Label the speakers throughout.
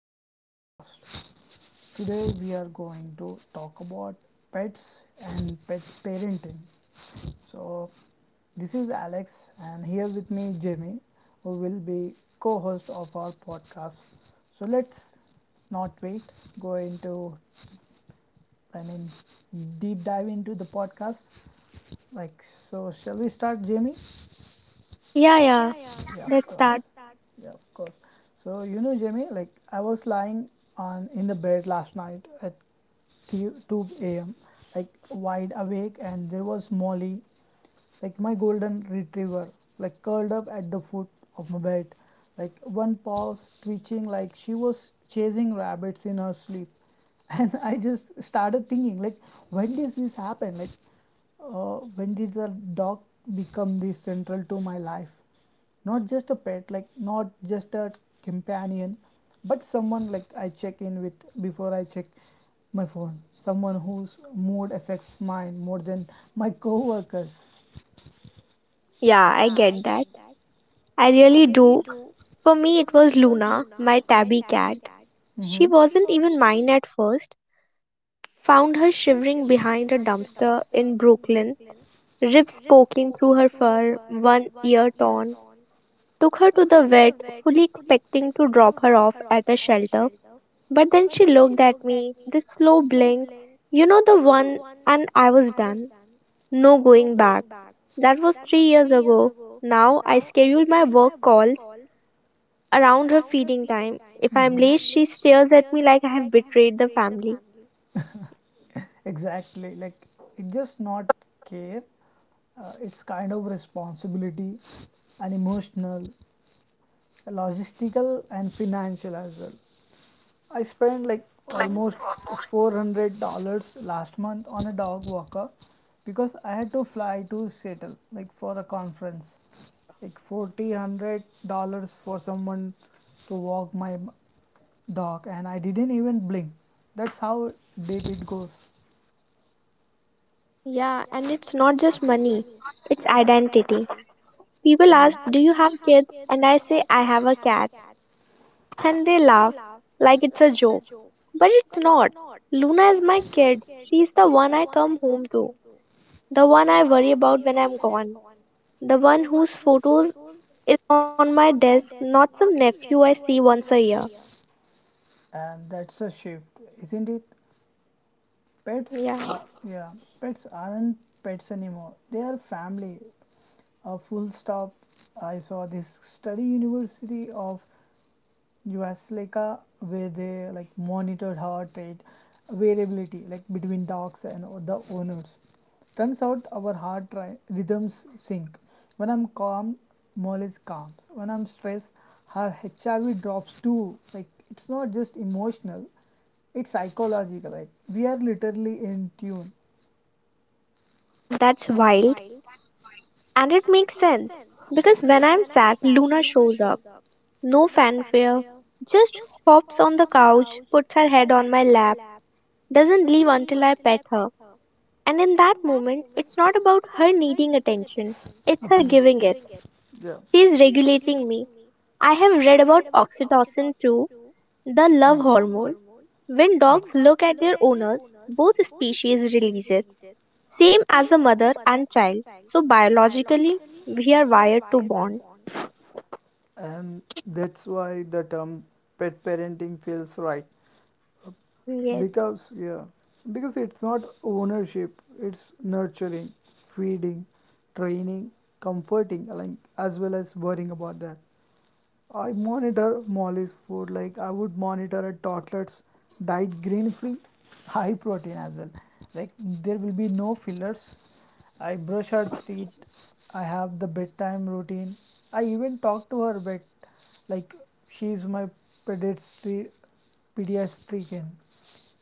Speaker 1: to our podcast. Today we are going to talk about pets and pet parenting. So, this is Alex, and here with me, Jamie, who will be co host of our podcast. So, let's not wait, go into, I mean, deep dive into the podcast. Like, shall we start, Jamie?
Speaker 2: Yeah, yeah,
Speaker 1: Yeah, of
Speaker 2: let's
Speaker 1: course.
Speaker 2: start.
Speaker 1: Yeah, of course. So you know, Jimmy, like I was lying on in the bed last night at 2 a.m. like wide awake, and there was Molly, like my golden retriever, like curled up at the foot of my bed, like one paw twitching, like she was chasing rabbits in her sleep. And I just started thinking, like, when did this happen? When did the dog become this central to my life? Not just a pet, like not just a companion, but someone like I check in with before I check my phone, someone whose mood affects mine more than my coworkers.
Speaker 2: Yeah, I get that. I really do. For me, it was Luna, my tabby cat. She
Speaker 1: Mhm.
Speaker 2: wasn't even mine at first. Found her shivering behind a dumpster in Brooklyn, ribs poking through her fur, one ear torn. Took her to the vet, fully expecting to drop her off at a shelter. But then she looked at me, this slow blink, you know the one, and I was done. No going back. That was 3 years ago. Now I schedule my work calls around her feeding time. If I'm late, she
Speaker 1: I
Speaker 2: stares at me like I have betrayed the family.
Speaker 1: exactly like it just not care. It's kind of responsibility, and emotional, logistical and financial as well. I spent like almost $400 last month on a dog walker because I had to fly to Seattle like for a conference. Like forty hundred dollars for someone to walk my dog and I didn't even blink. That's how deep it goes.
Speaker 2: Yeah, and it's not just money, it's identity. People ask, do you have kids? And I say, I have a cat. And they laugh like it's a joke. But it's not. Luna is my kid. She's the one I come home to, the one I worry about when I'm gone, the one whose photos is on my desk, not some nephew I see once a year.
Speaker 1: And that's a shift, isn't it? Pets, uh,
Speaker 2: Yeah,
Speaker 1: yeah, pets aren't pets anymore. They are family. A full stop. I saw this study, University of US, like where they like monitored heart rate variability like between dogs and the owners. Turns out our heart rhythms sync. When I'm calm, Molly's calms. When I'm stressed, her HRV drops too. Like it's not just emotional, it's psychological. Like we are literally in tune.
Speaker 2: that's wild. And it makes sense because when I'm sad, Luna shows up. No fanfare, just hops on the couch, puts her head on my lap, doesn't leave until I pet her. And in that moment, it's not about her needing attention, it's her giving it.
Speaker 1: Yeah,
Speaker 2: She's regulating me. I have read about oxytocin too, the love hormone. When dogs look at their owners, both species release it. Same as a mother and child. So biologically, we are wired to bond.
Speaker 1: and that's why the term pet parenting feels right.
Speaker 2: Yes,
Speaker 1: Because yeah, because it's not ownership, it's nurturing, feeding, training, comforting, like as well as worrying about that. I monitor Molly's food like I would monitor a toddler's diet. Grain free, high protein as well. Like there will be no fillers. I brush her teeth. I have the bedtime routine. I even talk to her, but like she is my pediatri- pediatrician.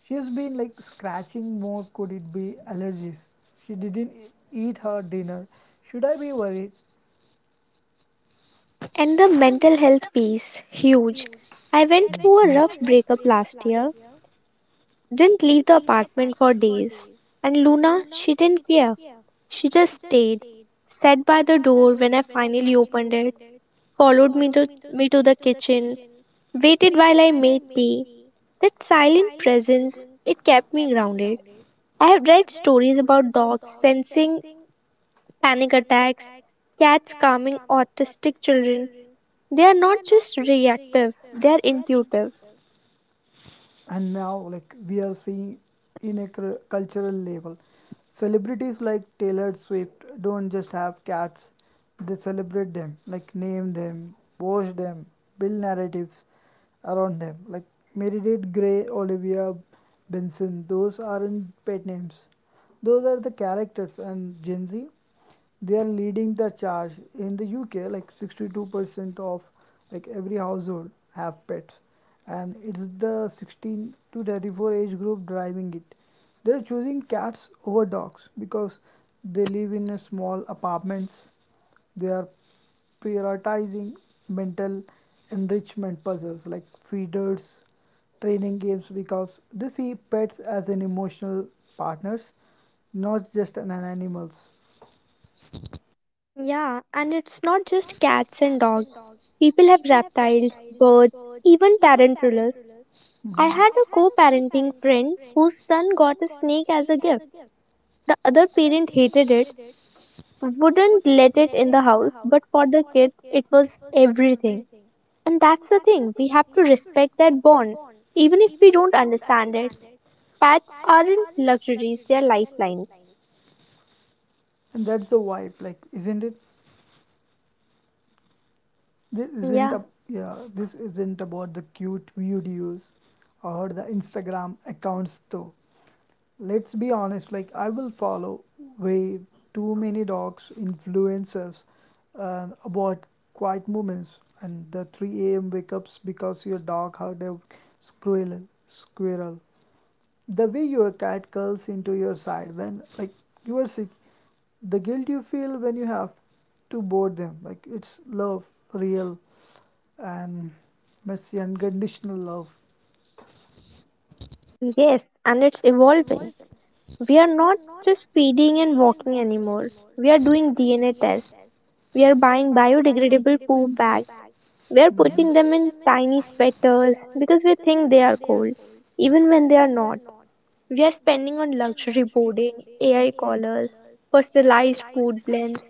Speaker 1: She has been like scratching more. Could it be allergies? She didn't eat her dinner. Should I be worried?
Speaker 2: and the mental health piece, huge. I went through a rough breakup last year, didn't leave the apartment for days. And Luna, she didn't care. She just stayed, sat by the door when I finally opened it, followed me to the kitchen, waited while I made tea. That silent presence, it kept me grounded. I have read stories about dogs sensing panic attacks, cats calming autistic children. They are not just reactive, they are intuitive.
Speaker 1: And now like we are seeing in a cultural level, celebrities like Taylor Swift don't just have cats, they celebrate them, like name them, wash them, build narratives around them. Like Meredith Grey, Olivia Benson, those aren't pet names, those are the characters. And Gen Z, they are leading the charge. In the UK, like 62% of like every household have pets, and it's the 16 to 34 age group driving it. They're choosing cats over dogs because they live in a small apartments. They are prioritizing mental enrichment puzzles, like feeders, training games, because they see pets as an emotional partners, not just an animals.
Speaker 2: Yeah, and it's not just cats and dogs. People have reptiles, birds, even tarantulas. I
Speaker 1: Mhm.
Speaker 2: had a co parenting friend whose son got a snake as a gift. The other parent hated it, wouldn't let it in the house, but for the kid, it was everything. And that's the thing, we have to respect that bond, even if we don't understand it. Pets aren't luxuries, they're lifelines.
Speaker 1: And that's the vibe, like isn't it, this
Speaker 2: Yeah,
Speaker 1: isn't a, yeah, this isn't about the cute videos or the Instagram accounts, though let's be honest, like I will follow way too many dogs influencers. About quiet moments and the 3 a.m wake ups because your dog heard a squirrel squirrel, the way your cat curls into your side when like you are sick, the guilt you feel when you have to board them, like it's love, real and messy, unconditional love.
Speaker 2: yes, and it's evolving. We are not just feeding and walking anymore. We are doing DNA tests. We are buying biodegradable poop bags. We are putting them
Speaker 1: Mhm.
Speaker 2: in tiny sweaters because we think they are cold, even when they are not. We are spending on luxury boarding, AI collars, personalized food blends.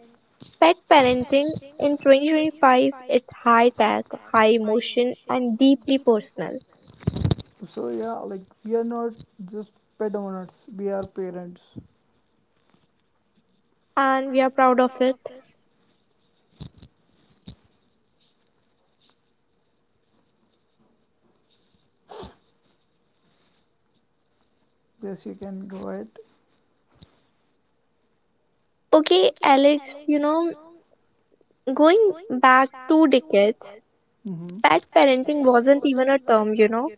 Speaker 2: Pet parenting in 2025, it's high tech, high emotion and deeply personal.
Speaker 1: So yeah, like we are not just pet owners, we are parents.
Speaker 2: And we are proud of it.
Speaker 1: Yes, you can go ahead.
Speaker 2: Okay, Alex, you know, going back two decades,
Speaker 1: Mm-hmm.
Speaker 2: pet parenting wasn't even a term, you know.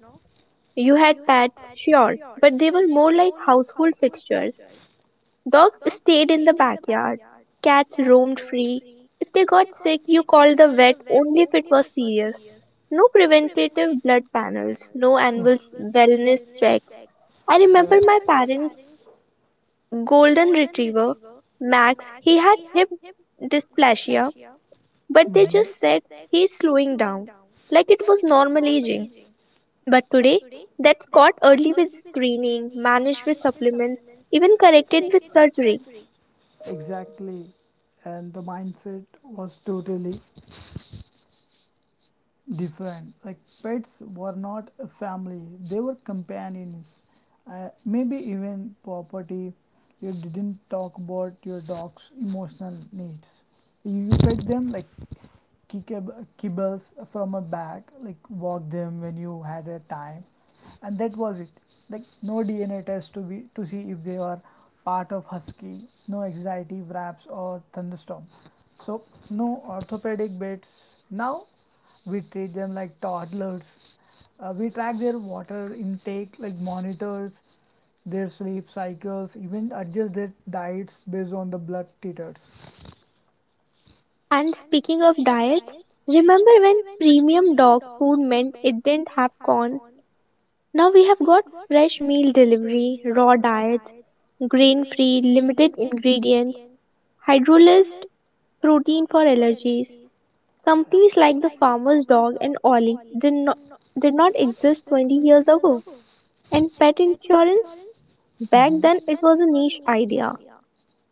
Speaker 2: You had pets, sure, but they were more like household fixtures. Dogs stayed in the backyard, cats roamed free. If they got sick, you called the vet only if it was serious. No preventative blood panels, no annual wellness checks. I
Speaker 1: I
Speaker 2: remember my
Speaker 1: yeah
Speaker 2: parents golden retriever, Max, he had hip dysplasia, but they
Speaker 1: but
Speaker 2: just said he's slowing down, like
Speaker 1: hmm
Speaker 2: it was normal aging. But today, that's caught early with screening, managed with supplements, even corrected with surgery.
Speaker 1: Exactly. And the mindset was totally different. Like pets were not a family; they were companions. Maybe even property. You didn't talk about your dog's emotional needs. You pet them like kibbles from a bag, like walk them when you had a time, and that was it. Like no DNA test to be to see if they are part of husky, no anxiety wraps or thunderstorm. So no orthopedic beds. Now we treat them like toddlers. We track their water intake like monitors their sleep cycles, even adjust their diets based on the blood titers.
Speaker 2: And speaking of diets, remember when premium dog food meant it didn't have corn? Now we have got fresh meal delivery, raw diets, grain free, limited ingredient, hydrolyzed protein for allergies. Companies like the Farmer's Dog and Ollie did not exist 20 years ago. And pet insurance, back
Speaker 1: Mhm.
Speaker 2: then it was a niche idea.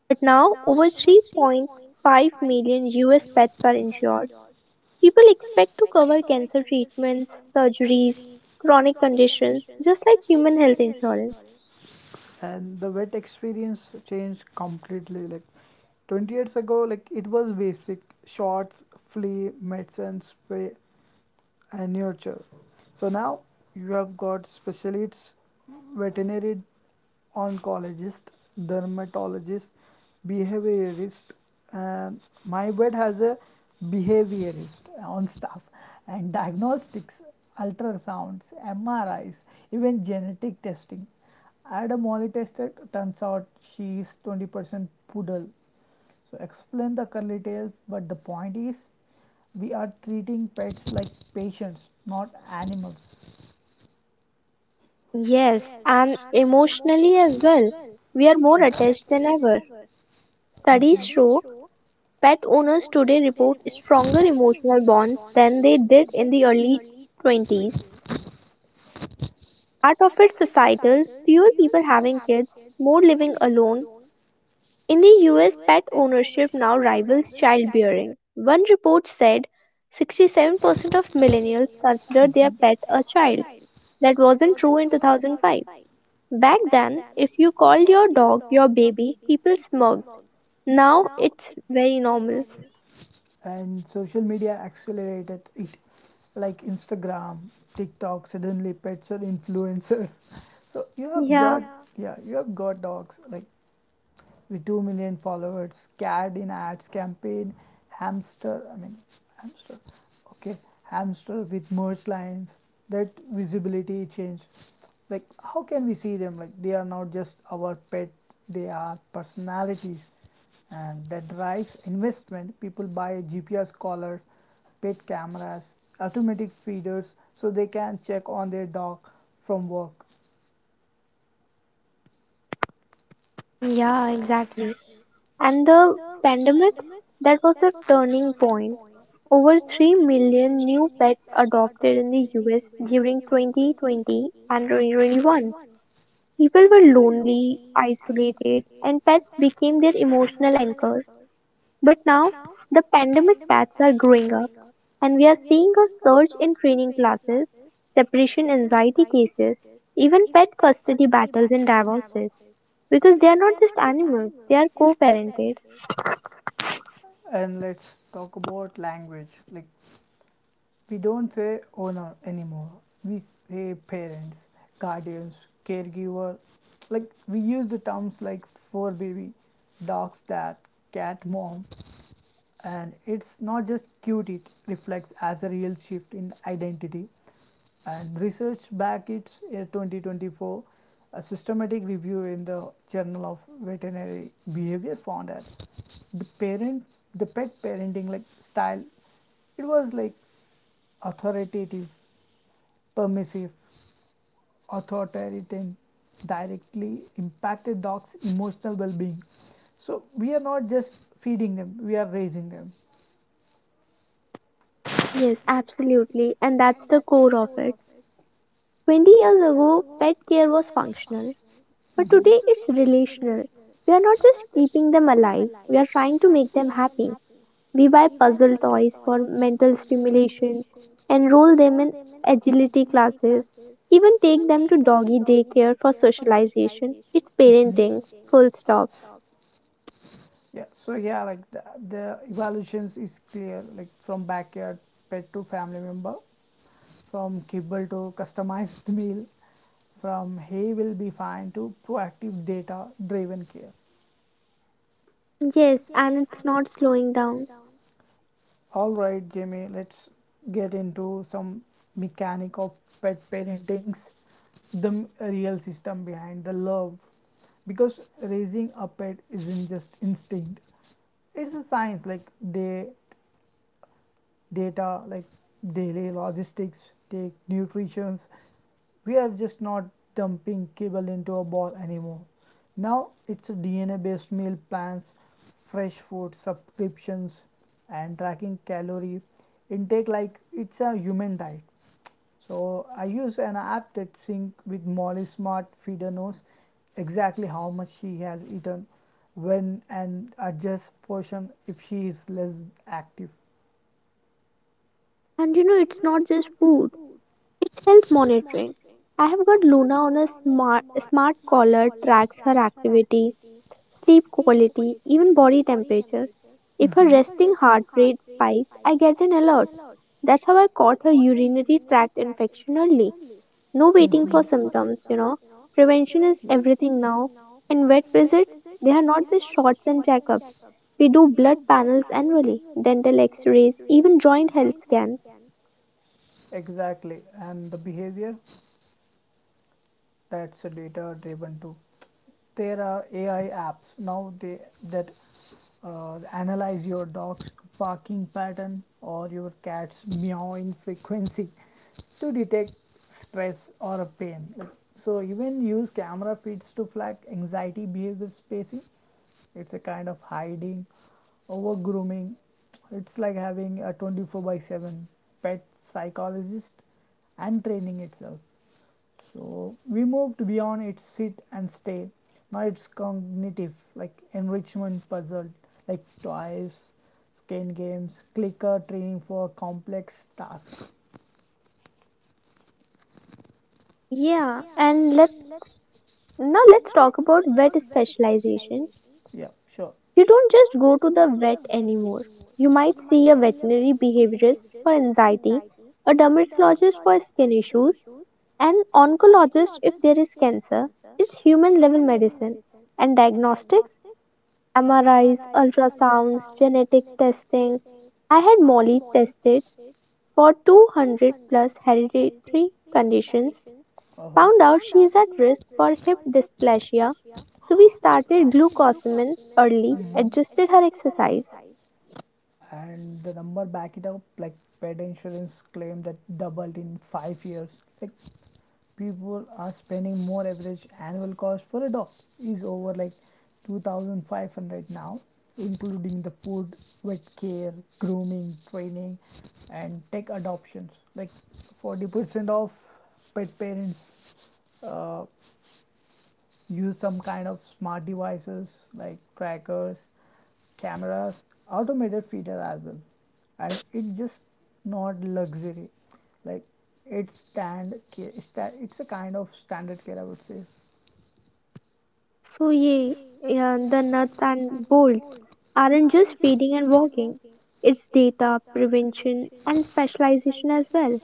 Speaker 2: But now over 3.5 million US pets are insured. People expect to cover cancer treatments, surgeries, chronic conditions, just like human health insurance.
Speaker 1: And the wet experience changed completely. Like 20 years ago, like it was basic shots, flea medicine spray, and nurture. So now you have got specialists, veterinary oncologist, dermatologist, behaviorist, and my vet has a behaviorist on staff, and diagnostics, ultrasounds, MRIs, even genetic testing. I had a molly tested, turns out she is 20% poodle, so explain the curly tails, but the point is we are treating pets like patients, not animals.
Speaker 2: Yes, and emotionally as well. We are more attached than ever. Studies show pet owners today report stronger emotional bonds than they did in the early 20s. Part of it's societal, fewer people having kids, more living alone. In the US, pet ownership now rivals childbearing. One report said 67% of millennials consider their pet a child. That wasn't true in 2005. Back then, if you called your dog your baby, people smirked. Now it's very normal.
Speaker 1: And social media accelerated it, like Instagram, TikTok. Suddenly, pets are influencers. So you have
Speaker 2: Yeah.
Speaker 1: got, yeah, yeah, you have got dogs like with 2 million followers, cat in ads campaign, hamster, I mean, hamster, okay, hamster with merge lines. That visibility change. Like, how can we see them? Like, they are not just our pet, they are personalities, and that drives investment. People buy GPS collars, pet cameras, automatic feeders, so they can check on their dog from work.
Speaker 2: Yeah, exactly. And the pandemic, that was a turning point. Over 3 million new pets adopted in the US during 2020 and 2021. People were lonely, isolated, and pets became their emotional anchors. But now, the pandemic pets are growing up, and we are seeing a surge in training classes, separation anxiety cases, even pet custody battles and divorces because they are not just animals, they are co parented.
Speaker 1: And let's talk about language. Like, we don't say owner anymore. We say parents, guardians, caregiver. Like we use the terms like fur baby, dog's dad, cat mom, and it's not just cute, it reflects as a real shift in identity. And research back its, a 2024 a systematic review in the journal of veterinary behavior, found that the parent the pet parenting like style, it was like authoritative, permissive, authoritarian, directly impacted dogs emotional well-being. So we are not just feeding them, we are raising them. Hmm.
Speaker 2: Yes, absolutely. And that's the core of it. 20 years ago, pet care was functional, but today it's relational. We are not just keeping them alive, we are trying to make them happy. We buy puzzle toys for mental stimulation, enroll them in agility classes, even take them to doggy daycare for socialization. It's parenting, full stop.
Speaker 1: Yeah, so yeah, like the evaluations is clear, like from backyard pet to family member, from kibble to customized meal, from hey will be fine to proactive data driven care.
Speaker 2: Yes, and it's not slowing down.
Speaker 1: All right, Jamie, let's get into some mechanic of pet parentings, the real system behind the love, because raising a pet isn't just instinct, it's a science. Like they data, like daily logistics, take nutritions. We are just not dumping cable into a ball anymore. Now it's DNA based meal plans, fresh food subscriptions, and tracking calorie intake like it's a human diet. So I use an app that sync with Molly Smart Feeder, knows exactly how much she has eaten, when, and adjust portion if she is less active.
Speaker 2: And you know, it's not just food. It's health monitoring. I have got Luna on a smart collar, tracks her activity, sleep quality, even body temperature. If her
Speaker 1: Mhm.
Speaker 2: resting heart rate spikes, I get an alert. That's how I caught her urinary tract infection early. No
Speaker 1: Mhm.
Speaker 2: waiting for symptoms, you know. Prevention is everything now. And vet visits, they are not just shots and checkups. We do blood panels annually, dental x rays, even joint health scans.
Speaker 1: Exactly. And the behavior, that's a data driven too. There are AI apps now, they that analyze your dog's barking pattern or your cat's meowing frequency to detect stress or a pain. Like, so even use camera feeds to flag anxiety behavior spacing, it's a kind of hiding, over grooming. It's like having a 24 by 7 pet psychologist. And training itself, so we moved beyond its sit and stay. Now it's cognitive, like enrichment puzzle, like toys, skin games, clicker training for complex tasks.
Speaker 2: Yeah, and let's Now let's talk about vet specialization.
Speaker 1: Yeah, sure.
Speaker 2: You don't just go to the vet anymore. You might see a veterinary behaviorist for anxiety, a dermatologist for skin issues, an oncologist if there is cancer. It's human level medicine and diagnostics, MRIs, ultrasounds, genetic testing. I had Molly tested for 200 plus hereditary conditions. Found
Speaker 1: Uh-huh.
Speaker 2: out she is at risk for hip dysplasia, so we started glucosamine early, adjusted her exercise.
Speaker 1: And the number back it up, like pet insurance claim that doubled in 5 years. Like people are spending more, average annual cost for a dog is over like 2500 now, including the food, vet care, grooming, training, and tech adoptions. Like 40% of pet parents uh, use some kind of smart devices, like trackers, cameras, automated feature as well. And it's just not luxury. Like it's stand it's a kind of standard care, I would say.
Speaker 2: So, yeah, yeah, the nuts and bolts aren't just feeding and walking, it's data, prevention, and specialization as well.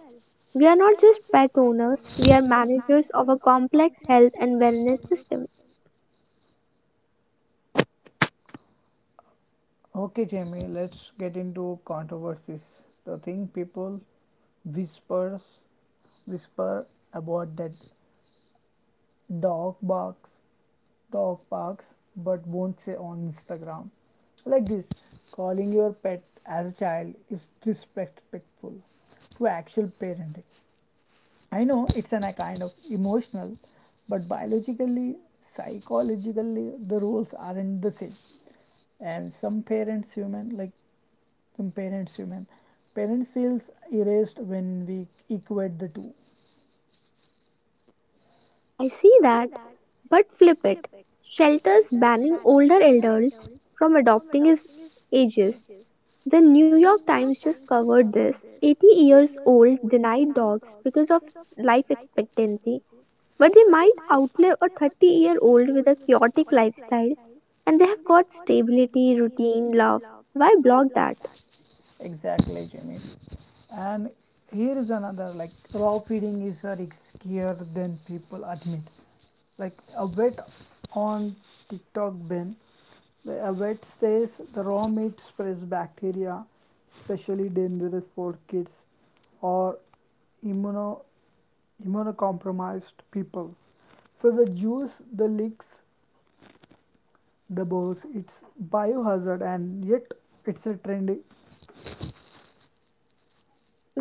Speaker 2: We are not just pet owners, we are managers of a complex health and wellness system.
Speaker 1: Okay, Jamie, let's get into controversies. The thing people whispers whisper about, that dog barks dog barks but won't say on Instagram, like this, calling your pet as a child is disrespectful to actual parenting. I know it's a kind of emotional, but biologically, psychologically, the roles aren't the same, and some parents, human parents, feels erased when we equate the two.
Speaker 2: I see that, but flip it. Shelters banning older adults from adopting is ageist. The New York Times just covered this. 80 years old denied dogs because of life expectancy, but they might outlive a 30-year-old with a chaotic lifestyle and they have got stability, routine, love. Why block that?
Speaker 1: Exactly, Jimmy. And here is another, like raw feeding is riskier than people admit. Like a vet on TikTok ban, a vet says the raw meat spreads bacteria, especially dangerous for kids or immuno, immunocompromised people. So the juice, the leaks, the bowls, it's biohazard, and yet it's a trendy.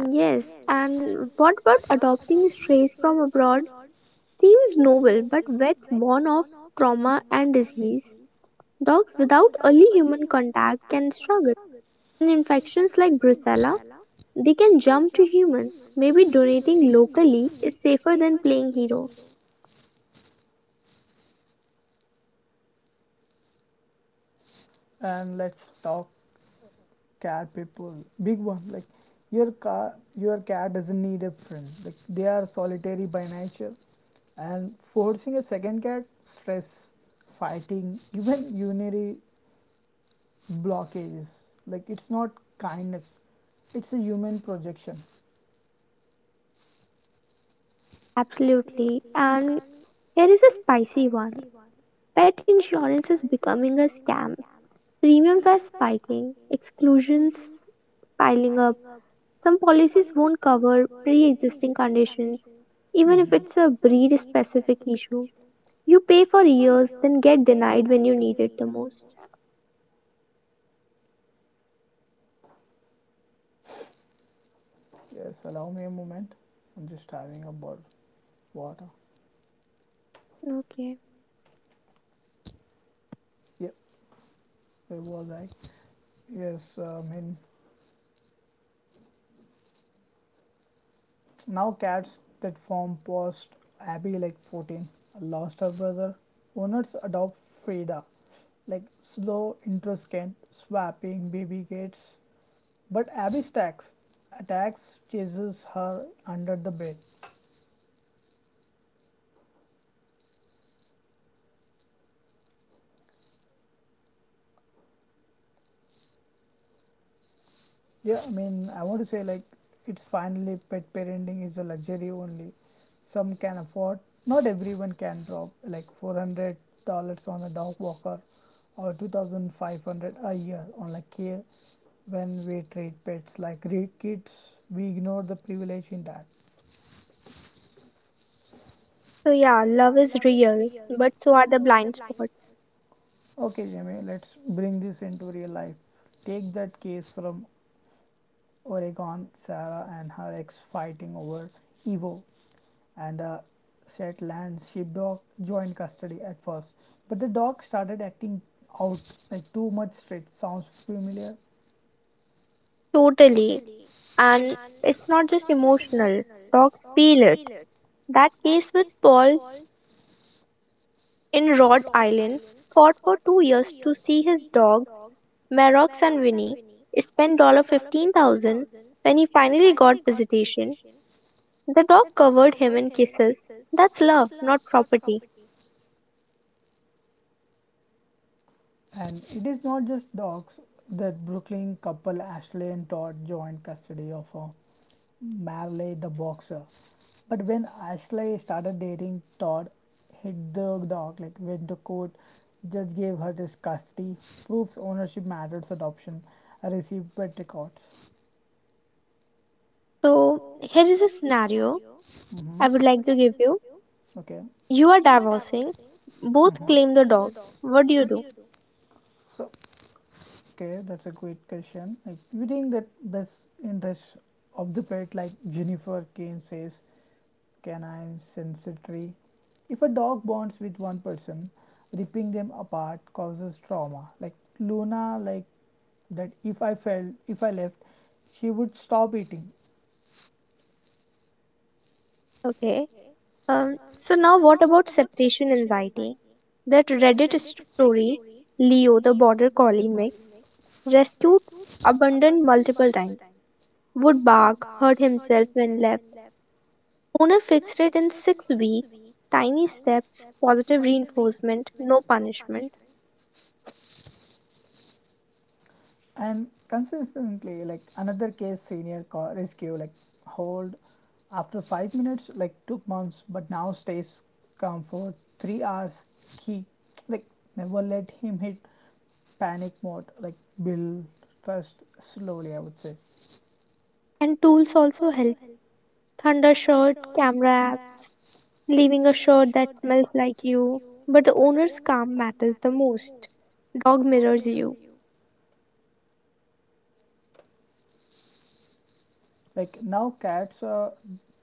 Speaker 2: Yes, and what about adopting strays from abroad? Seems noble, but vets warn of trauma and disease. Dogs without early human contact can struggle. And infections like brucella, they can jump to humans. Maybe donating locally is safer than playing hero.
Speaker 1: And let's talk cat people, big one. Like your car your cat doesn't need a friend, like they are solitary by nature, and forcing a second cat, stress, fighting, even urinary blockages, like it's not kindness, it's a human projection.
Speaker 2: Absolutely. And here is a spicy one. Pet insurance is becoming a scam. Premiums are spiking, exclusions piling up. Some policies won't cover pre existing conditions, even if it's
Speaker 1: Mhm.
Speaker 2: a breed specific issue. You pay for years, then get denied when you need it the most.
Speaker 1: If yes, allow me a moment, I'm just having a bottle water.
Speaker 2: Okay.
Speaker 1: Yep, where was I? Yes, now cats that form post Abby, like 14, lost her brother. Owners adopt Frida, like slow, introscant, swapping baby gates. But Abby attacks, chases her under the bed. Yeah, I want to say like it's finally pet parenting is a luxury only. Some can afford, not everyone can drop like $400 on a dog walker or 2500 a year on like care. When we treat pets like Greek kids, we ignore the privilege in that.
Speaker 2: So, yeah, love is real, but so are the blind spots.
Speaker 1: Okay, Jamie, let's bring this into real life. Take that case from Oregon, Sarah and her ex fighting over Evo, and the Shetland sheepdog joined custody at first, but the dog started acting out like too much straight. Sounds familiar?
Speaker 2: Totally. And it's not just emotional, dogs feel it. That case with Paul in Rhode Island fought for 2 years to see his dogs, Merox and Winnie, spend $15,000. When he finally got visitation, the dog covered him in kisses. That's love, not property.
Speaker 1: And it is not just dogs. The Brooklyn couple Ashley and Todd joined custody of Marley the boxer. But when Ashley started dating Todd, hit the dog, like went to court, judge gave her his custody, proves ownership matters adoption, received pet records.
Speaker 2: So, here is a scenario
Speaker 1: hmm
Speaker 2: I would like to give you.
Speaker 1: Okay.
Speaker 2: You are divorcing, both claim
Speaker 1: hmm
Speaker 2: the dog. What do you do?
Speaker 1: So, okay, that's a great question. Like, we think that best interest of the pet, like Jennifer Kane says, canine sensitivity. If a dog bonds with one person, ripping them apart causes trauma. Like Luna, like that. If I felt, if I left, she would stop eating.
Speaker 2: Okay. So now what about separation anxiety? That Reddit story, Leo the border collie mix, rescued, abandoned multiple times, would bark, hurt himself when left. Owner fixed it in 6 weeks. Tiny steps, positive reinforcement, no punishment.
Speaker 1: And consistently, like another case, senior rescue, like hold after 5 minutes, like took months, but now stays calm for 3 hours. Key, like never let him hit panic mode, like build trust slowly. I would say,
Speaker 2: And tools also help. Thunder shirt, camera app, leaving a shirt that smells like you. But the owner's calm matters the most. Dog mirrors you.
Speaker 1: like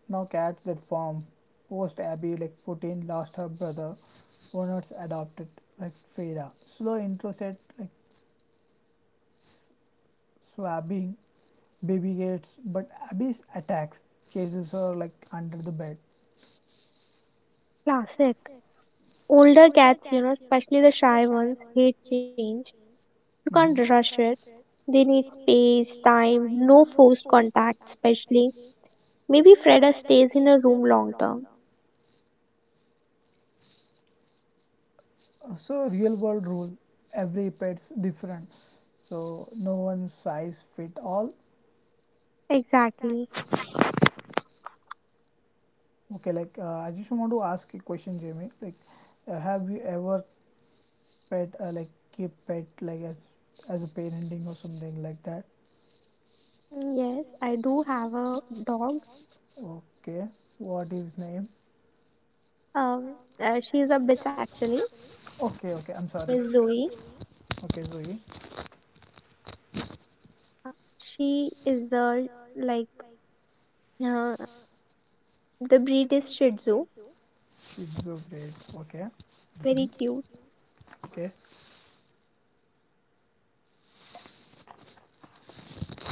Speaker 1: now cats that form post Abby, like 14 lost her brother, owners adopted like Frida. Slow intro set, like swabbing baby gets, but Abby's attacks, chases her like under the bed.
Speaker 2: Classic. Older cats, you know, especially the shy ones, hate change. You can't
Speaker 1: Mhm.
Speaker 2: rush it. They need space, time, no forced contact, especially. Maybe Freda stays in a room long term.
Speaker 1: So, real world rule every pet's different. So, no one size fit all.
Speaker 2: Exactly.
Speaker 1: Okay, like I just want to ask a question, Jamie. Like, have you ever pet, like, keep pet, like, as a parenting or something like that?
Speaker 2: Yes, I do have a dog.
Speaker 1: Okay, what is name?
Speaker 2: Um, she's a bitch actually.
Speaker 1: Okay, okay, I'm sorry.
Speaker 2: Miss Zoe.
Speaker 1: Okay, Zoe,
Speaker 2: She is a like uh, the breed is Shih Tzu.
Speaker 1: it's so great. Okay,
Speaker 2: Very
Speaker 1: mhm.
Speaker 2: cute.
Speaker 1: Okay,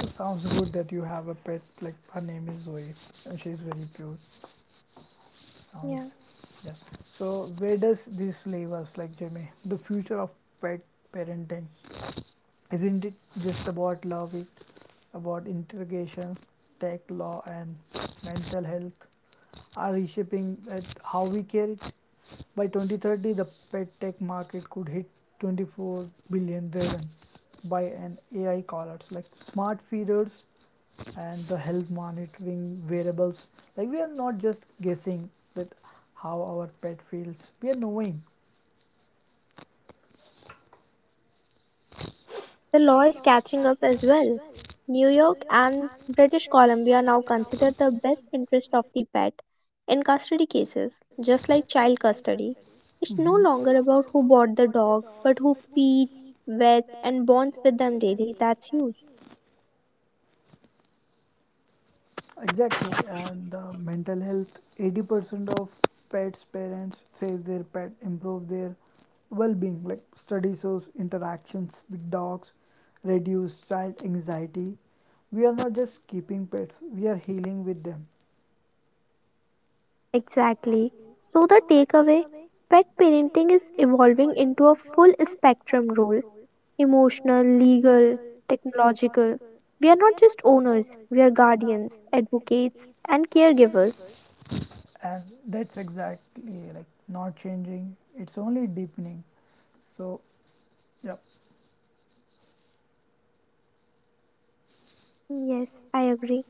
Speaker 1: it sounds good that you have a pet. Like her name is Zoe, and she's very cute. Sounds,
Speaker 2: Yeah.
Speaker 1: yeah. So where does this leave us, like Jimmy? The future of pet parenting isn't it just about love? It about interrogation, tech, law, and mental health are reshaping at how we care it. By 2030, the pet tech market could hit 24 billion, driven by an AI collars like smart feeders and the health monitoring variables, like we are not just guessing that how our pet feels, we are knowing.
Speaker 2: The law is catching up as well. New York and British Columbia now consider the best interest of the pet in custody cases, just like child custody. It's no
Speaker 1: Mhm.
Speaker 2: longer about who bought the dog, but who feeds, vets, and bonds with them daily. That's huge.
Speaker 1: Exactly, and mental health. 80% of pets' parents say their pet improve their well-being. Like study shows, interactions with dogs reduce child anxiety. We are not just keeping pets; we are healing with them.
Speaker 2: Exactly. So, the takeaway, pet parenting is evolving into a full spectrum role, emotional, legal, technological. We are not just owners, we are guardians, advocates, and caregivers.
Speaker 1: And that's exactly like not changing, it's only deepening, so yep.
Speaker 2: Yes, I agree.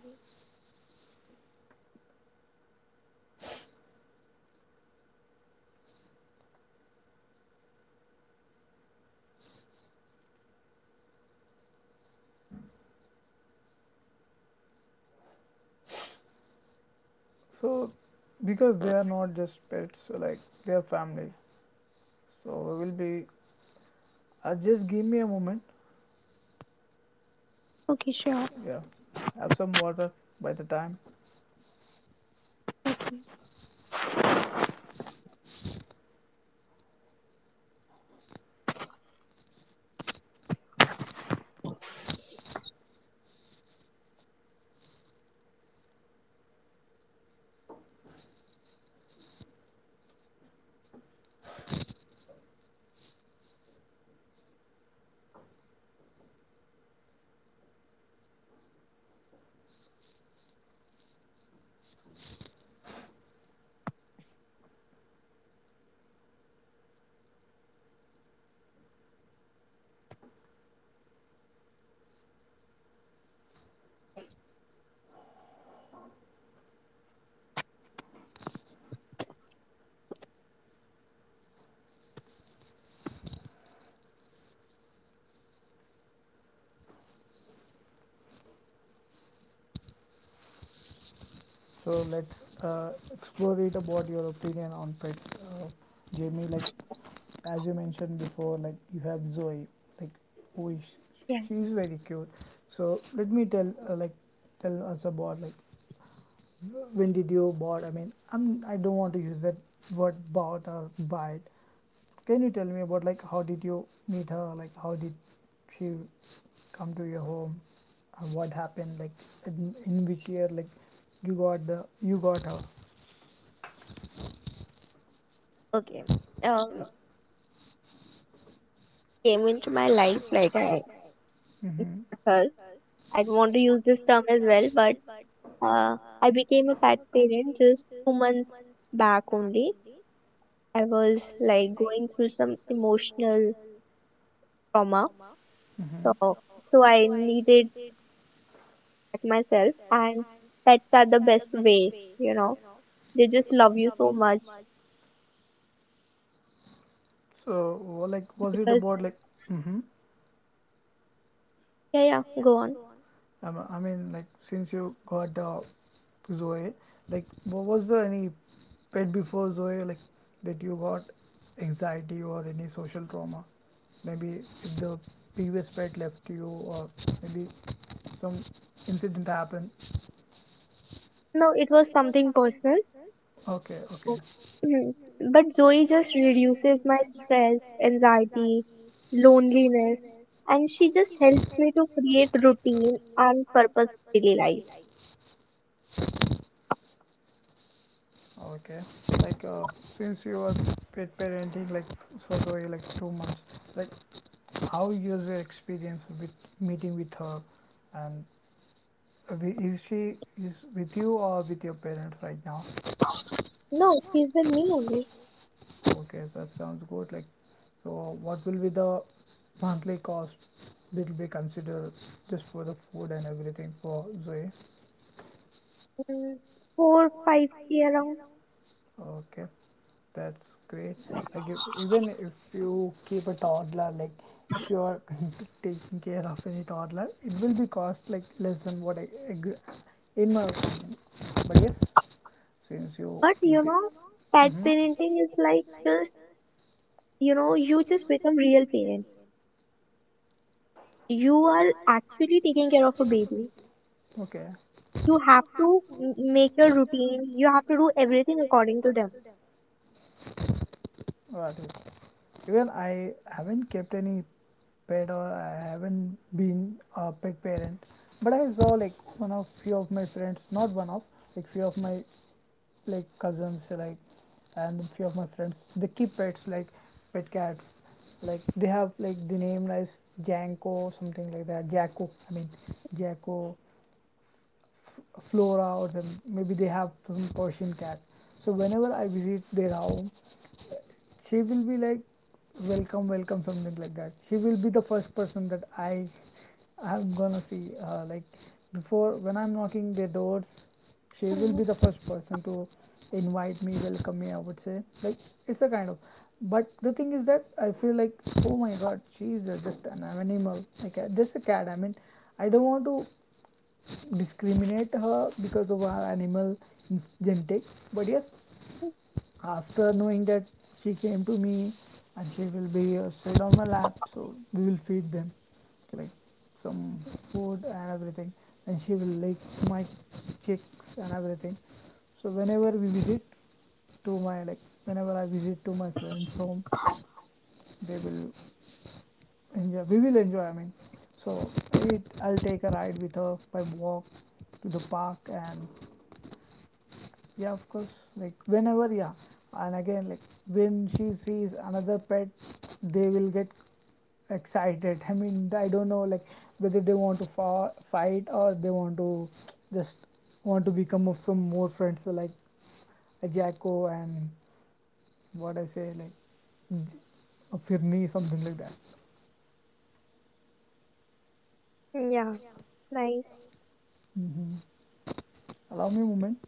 Speaker 1: So, because they are not just pets, so like they are family. So, we will be. Just give me a moment.
Speaker 2: Okay, sure.
Speaker 1: Yeah. Have some water by the time. So let's explore it about your opinion on pets, Jamie. Like as you mentioned before, like you have Zoe, like who is
Speaker 2: Yeah,
Speaker 1: she, is very cute. So let me tell like tell us about like when did you bought? I mean, I don't want to use that word bought or buy it. Can you tell me about like how did you meet her? Like how did she come to your home? And what happened? Like in which year? Like you got the you got her.
Speaker 2: okay.
Speaker 1: Yeah.
Speaker 2: Um, came into my life like I
Speaker 1: Mm-hmm.
Speaker 2: her. I don't want to use this term as well, but I became a pet parent just 2 months back only. I was like going through some emotional trauma,
Speaker 1: Mm-hmm.
Speaker 2: so so I needed protect myself and pets are the best way, you know, they just love you so much
Speaker 1: So like was it
Speaker 2: because
Speaker 1: about like mm-hmm.
Speaker 2: yeah, yeah, go on.
Speaker 1: I mean, like since you got Zoe, like what was there any pet before Zoe like that you got anxiety or any social trauma? Maybe if the previous pet left you or maybe some incident happened.
Speaker 2: No, it was something personal.
Speaker 1: Okay, okay,
Speaker 2: so- but Zoe just reduces my stress, anxiety, loneliness, and she just helps me to create routine and purpose in daily life.
Speaker 1: okay. Like since you are pet parenting like for Zoe like 2 months, like how was your experience with meeting with her and is she is with you or with your parents right now?
Speaker 2: No, she's with me only.
Speaker 1: Okay, that sounds good. Like, so what will be the monthly cost that will be considered just for the food and everything for Zoe?
Speaker 2: Mm, 4 5k k around.
Speaker 1: Okay, that's great. Like, if, even if you keep a toddler, like if you are taking care of any toddler, it will be cost like less than what I. In my opinion. But yes, since you
Speaker 2: But you
Speaker 1: keep it.
Speaker 2: know,
Speaker 1: Know,
Speaker 2: pet
Speaker 1: mhm.
Speaker 2: parenting is like just, you know, you just become real parent. You are actually taking care of a baby.
Speaker 1: Okay,
Speaker 2: You have to make your routine. You have to do everything according to them.
Speaker 1: got it. Even I haven't kept any pet or I haven't been a pet parent, but I saw like one of few of my friends, not one of, like few of my like cousins, like and few of my friends, they keep pets like pet cats. Like they have like the name as Janko, something like that. Jacko, I mean Jacko, Flora, or some, maybe they have some Persian cat. So whenever I visit their home, she will be like welcome something like that, she will be the first person that I'm gonna see, like before when I'm knocking their doors, she will
Speaker 2: Mm.
Speaker 1: be the first person to invite me, welcome me, I would say, like it's a kind of, but the thing is that I feel like oh my god, she is just an animal, like just a cat, I mean, I don't want to discriminate her because of her animal genetic, but yes, after knowing that she came to me, and she will be sit on my lap, so we will feed them like some food and everything, and she will lick my cheeks and everything. So whenever we visit to my like whenever I visit to my friend's home, they will enjoy, we will enjoy, I mean, so it, I'll take a ride with her by walk to the park and yeah of course, like whenever yeah, and again like when she sees another pet, they will get excited I mean I don't know like whether they want to fight or they want to just want to become of some more friends, so like a jacko and what I say like J- a firni something like that.
Speaker 2: Yeah, nice.
Speaker 1: Hmm, allow me a moment.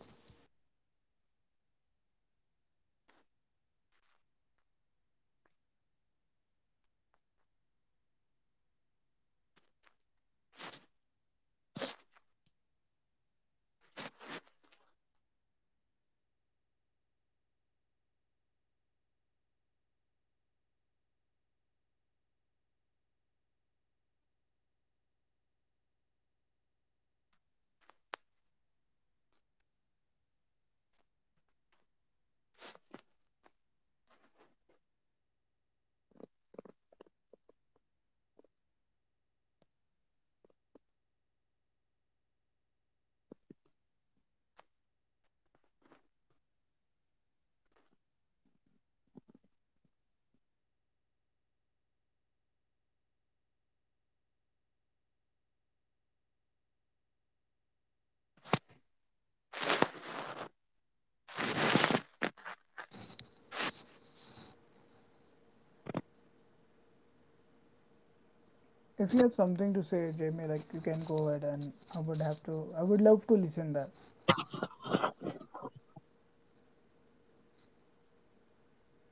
Speaker 1: If you have something to say Jamie, like you can go ahead and I would have to I would love to listen that.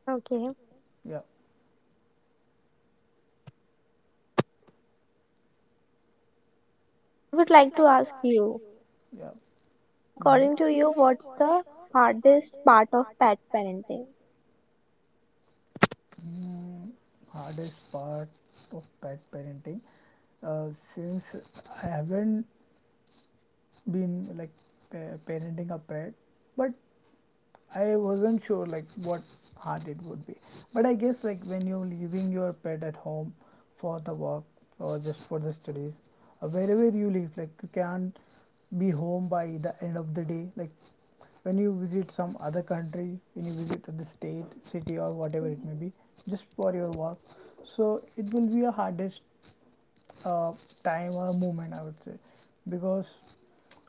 Speaker 2: Okay.
Speaker 1: Yeah.
Speaker 2: I would like to ask you,
Speaker 1: Yeah. Hmm.
Speaker 2: according to you, what's the hardest part of pet parenting?
Speaker 1: Mm, hardest part of pet parenting, since I haven't been like parenting a pet, but I wasn't sure like what hard it would be, but I guess like when you're leaving your pet at home for the work or just for the studies, wherever you live, like you can't be home by the end of the day. Like when you visit some other country, when you visit the state, city, or whatever
Speaker 2: Mhm.
Speaker 1: it may be, just for your work, so it will be a hardest uh, time or moment I would say, because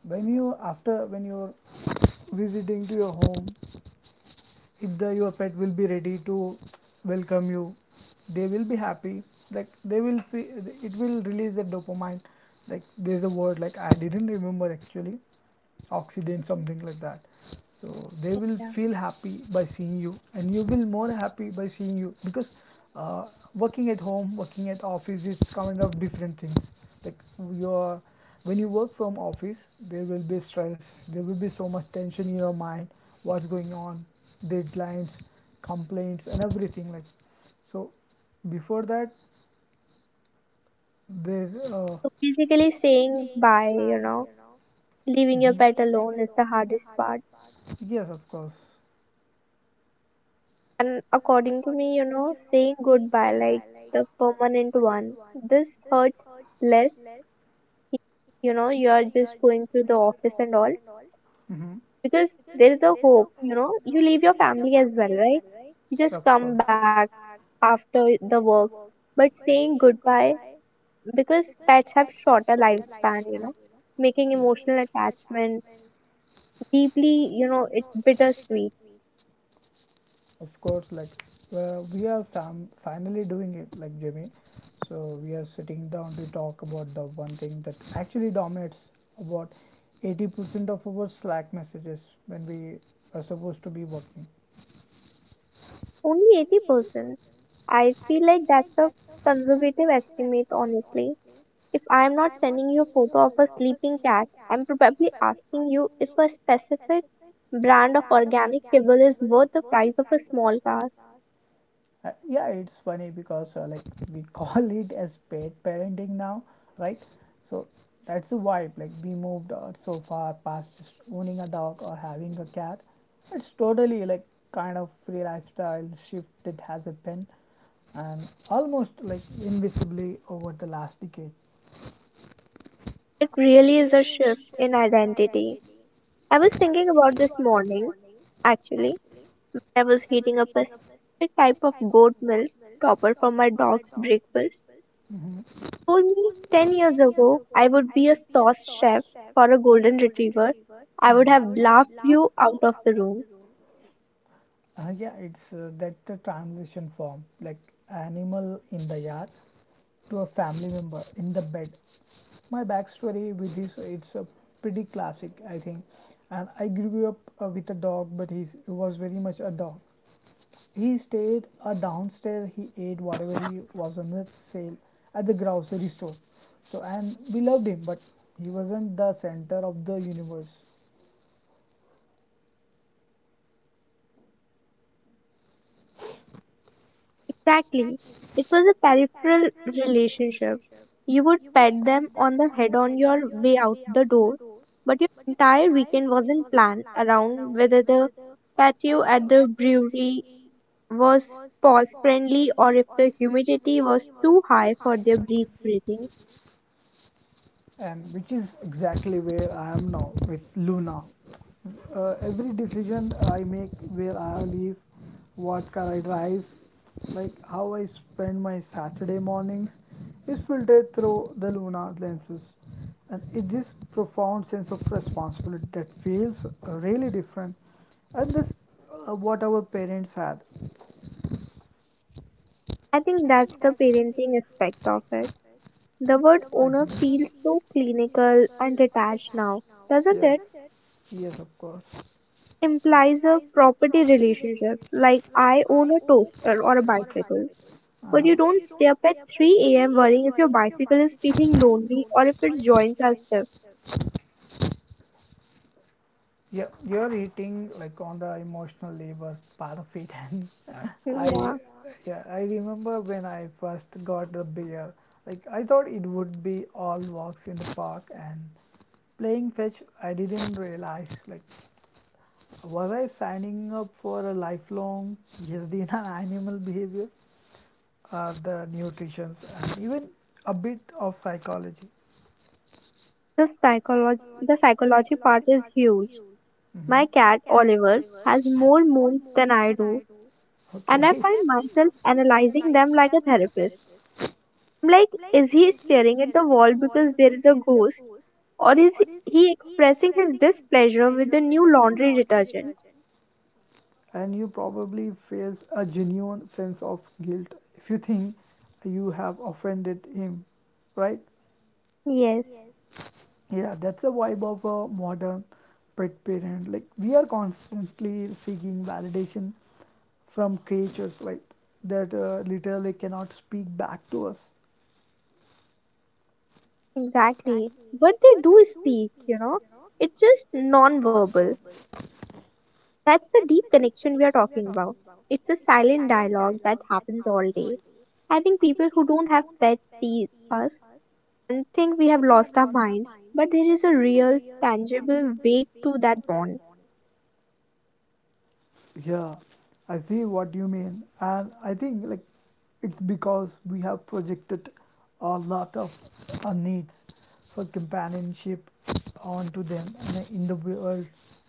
Speaker 1: when you after when you're visiting to your home, if the your pet will be ready to welcome you, they will be happy, like they will it will release the dopamine, like there's a word like I didn't remember actually, oxidant something like that, so they will
Speaker 2: Yeah.
Speaker 1: feel happy by seeing you and you will more happy by seeing you because uh, working at home working at office, it's kind of different things, like your when you work from office, there will be stress, there will be so much tension in your mind, what's going on, deadlines, complaints and everything, like so before that there
Speaker 2: So basically saying bye, you know, leaving your pet
Speaker 1: mhm.
Speaker 2: alone is the hardest part.
Speaker 1: Yes of course.
Speaker 2: And according to me, you know, saying goodbye, like the permanent one, this hurts less. You know, you are just going to the office and all,
Speaker 1: Hmm.
Speaker 2: because there is a hope, you know, you leave your family as well, right? You just
Speaker 1: Of
Speaker 2: come
Speaker 1: course.
Speaker 2: back after the work. But saying goodbye, because pets have shorter lifespan, you know, making emotional
Speaker 1: Yeah.
Speaker 2: attachment deeply, you know, it's bittersweet.
Speaker 1: Of course, like we are finally doing it like Jimmy, so we are sitting down to talk about the one thing that actually dominates about 80% of our slack messages when we are supposed to be working.
Speaker 2: Only 80%? I feel like that's a conservative estimate, honestly. If I am not sending you a photo of a sleeping cat, I'm probably asking you if a specific brand of organic kibble is worth the price of a small car.
Speaker 1: Yeah, it's funny because like we call it as pet parenting now, right? So that's the vibe. Like we moved so far past just owning a dog or having a cat. It's totally like kind of free lifestyle shift that has happened, and almost like invisibly over the last decade.
Speaker 2: It really is a shift in identity. I was thinking about this morning, actually. I was heating up a specific type of goat milk topper for my dog's breakfast.
Speaker 1: Hmm.
Speaker 2: Told me 10 years ago I would be a sauce chef for a golden retriever, I would have
Speaker 1: Hmm.
Speaker 2: laughed you out of
Speaker 1: Are
Speaker 2: the room.
Speaker 1: room? Yeah, it's that the transition form, like animal in the yard to a family member in the bed. My backstory with this it's a pretty classic I think, and I grew up with a dog but he was very much a dog. He stayed downstairs, he ate whatever he was on the sale at the grocery store, so and we loved him but he wasn't the center of the universe.
Speaker 2: Exactly. It was a peripheral relationship. You would pet them on the head on your way out the door, but your entire weekend wasn't planned around whether the patio at the brewery was pause friendly or if the humidity was too high for their breath breathing.
Speaker 1: And which is exactly where I am now with Luna. Every decision I make, where I live, what car I drive, like how I spend my Saturday mornings, is filtered through the Luna lenses. And it this profound sense of responsibility that feels really different, and this what our parents had.
Speaker 2: I think that's the parenting aspect of it. The word owner feels so clinical and detached now, doesn't
Speaker 1: Yes,
Speaker 2: it?
Speaker 1: yes, of course.
Speaker 2: Implies a property relationship, like I own a toaster or a bicycle. But you
Speaker 1: Uh-huh.
Speaker 2: don't stay up at 3 a.m. worrying if your bicycle is feeling lonely or if its joints are stiff.
Speaker 1: Yeah, you're eating like on the emotional labor part of it, and yeah. I,
Speaker 2: Yeah,
Speaker 1: yeah, I remember when I first got the beer. Like I thought it would be all walks in the park and playing fetch. I didn't realize like was I signing up for a lifelong PhD in animal behavior, the nutrition, and even a bit of psychology.
Speaker 2: the psychology part is huge. My
Speaker 1: Hmm.
Speaker 2: cat Oliver has more moons than I do, and I
Speaker 1: Okay.
Speaker 2: find myself analyzing them like a therapist. I'm like, is he staring at the wall because there is a ghost, or is he expressing his displeasure with the new laundry detergent?
Speaker 1: And you probably feels a genuine sense of guilt if you think you have offended him, right?
Speaker 2: Yes,
Speaker 1: Yeah, that's a vibe of a modern pet parent, like we are constantly seeking validation from creatures like that literally cannot speak back to us.
Speaker 2: exactly. But they do speak, you know. It's just non-verbal. That's the deep connection we are talking about. It's a silent dialogue that happens all day. I think people who don't have pets see us and think we have lost our minds, but there is a real, tangible weight to that bond.
Speaker 1: Yeah, I see what you mean, and I think like it's because we have projected a lot of our needs for companionship onto them, and in the world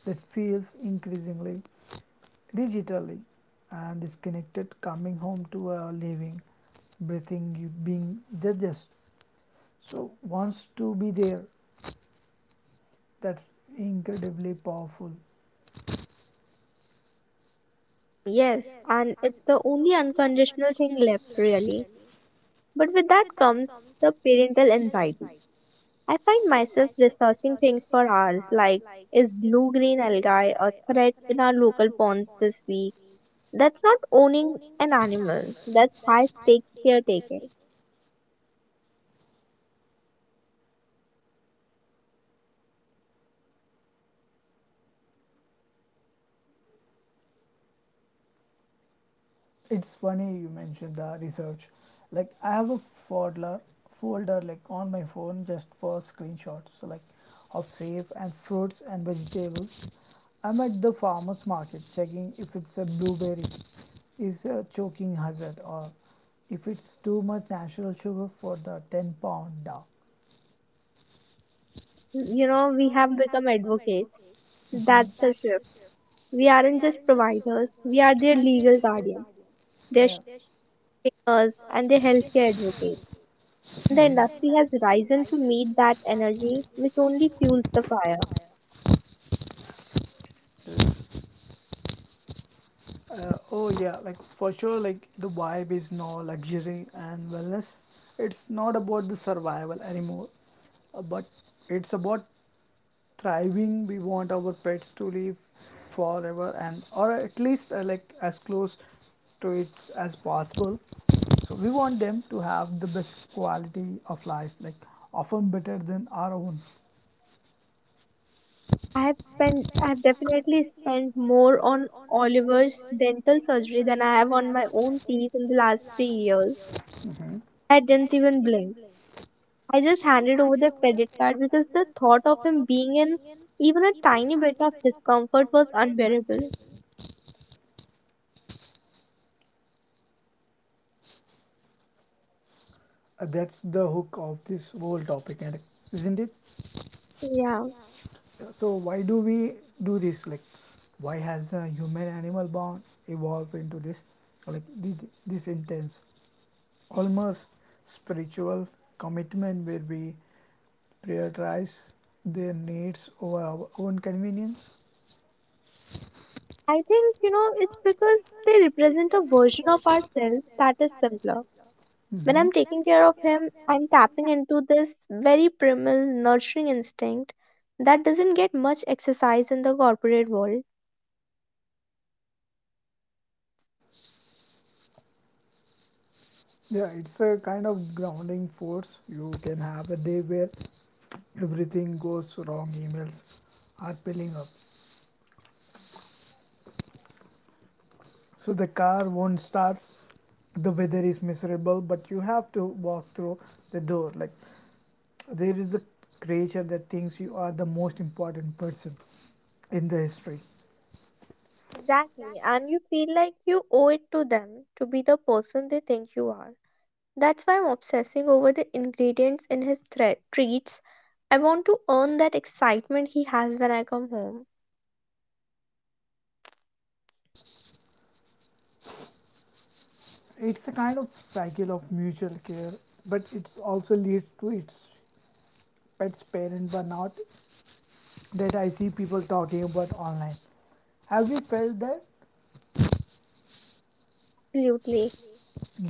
Speaker 1: that feels increasingly digitally and disconnected, coming home to a living, breathing, you being judges. So wants to be there. That's incredibly powerful.
Speaker 2: Yes, and it's the only unconditional thing left, really. But with that comes the parental anxiety. I find myself researching things for hours like, is blue green algae a threat in our local ponds this week? That's not owning an animal, that's high stakes caretaking.
Speaker 1: It's funny you mentioned the research. Like I have a folder, folder like on my phone just for screenshots. So like of safe and fruits and vegetables. I'm at the farmers market checking if it's a blueberry, is a choking hazard, or if it's too much natural sugar for the 10 pound dog.
Speaker 2: You know, we have become advocates.
Speaker 1: Mhm.
Speaker 2: That's the shift. We aren't just providers, we are their legal guardians, their
Speaker 1: Yeah.
Speaker 2: trainers, and their healthcare advocates. The industry has risen to meet that energy, which only fuels the fire.
Speaker 1: This Oh yeah, like for sure, like the vibe is now luxury and wellness. It's not about the survival anymore, but it's about thriving. We want our pets to live forever and or at least like as close to it as possible. So we want them to have the best quality of life, like often better than our own.
Speaker 2: I've definitely spent more on Oliver's dental surgery than I have on my own teeth in the last 3 years. I didn't even blink. I just handed over the credit card because the thought of him being in even a tiny bit of discomfort was unbearable.
Speaker 1: That's the hook of this whole topic, and isn't it?
Speaker 2: Yeah.
Speaker 1: So why do we do this? Like, why has a human-animal bond evolved into this, like this intense, almost spiritual commitment where we prioritize their needs over our own convenience?
Speaker 2: I think, you know, it's because they represent a version of ourselves that is simpler. When
Speaker 1: Mhm.
Speaker 2: I'm taking care of him, I'm tapping into this very primal, nurturing instinct that doesn't get much exercise in the corporate world.
Speaker 1: Yeah, it's a kind of grounding force. You can have a day where everything goes wrong, emails are piling up. So the car won't start, the weather is miserable, but you have to walk through the door. Like there is a creature that thinks you are the most important person in the history.
Speaker 2: Exactly, and you feel like you owe it to them to be the person they think you are. That's why I'm obsessing over the ingredients in his treats. I want to earn that excitement he has when I come home.
Speaker 1: It's a kind of cycle of mutual care, but it also leads to its pet's parent burnout that I see people talking about online. Have you felt that?
Speaker 2: Absolutely.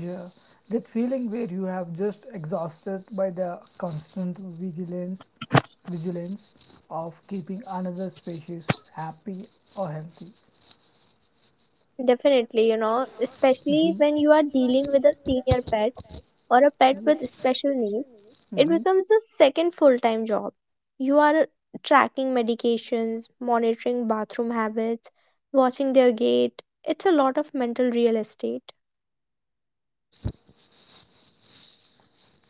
Speaker 1: Yeah, that feeling where you have just exhausted by the constant vigilance of keeping another species happy or healthy.
Speaker 2: Definitely, you know, especially when you are dealing with a senior pet or a pet with
Speaker 1: Yes.
Speaker 2: special needs, it
Speaker 1: Hmm.
Speaker 2: becomes a second full time job. You are tracking medications, monitoring bathroom habits, watching their gait. It's a lot of mental real estate.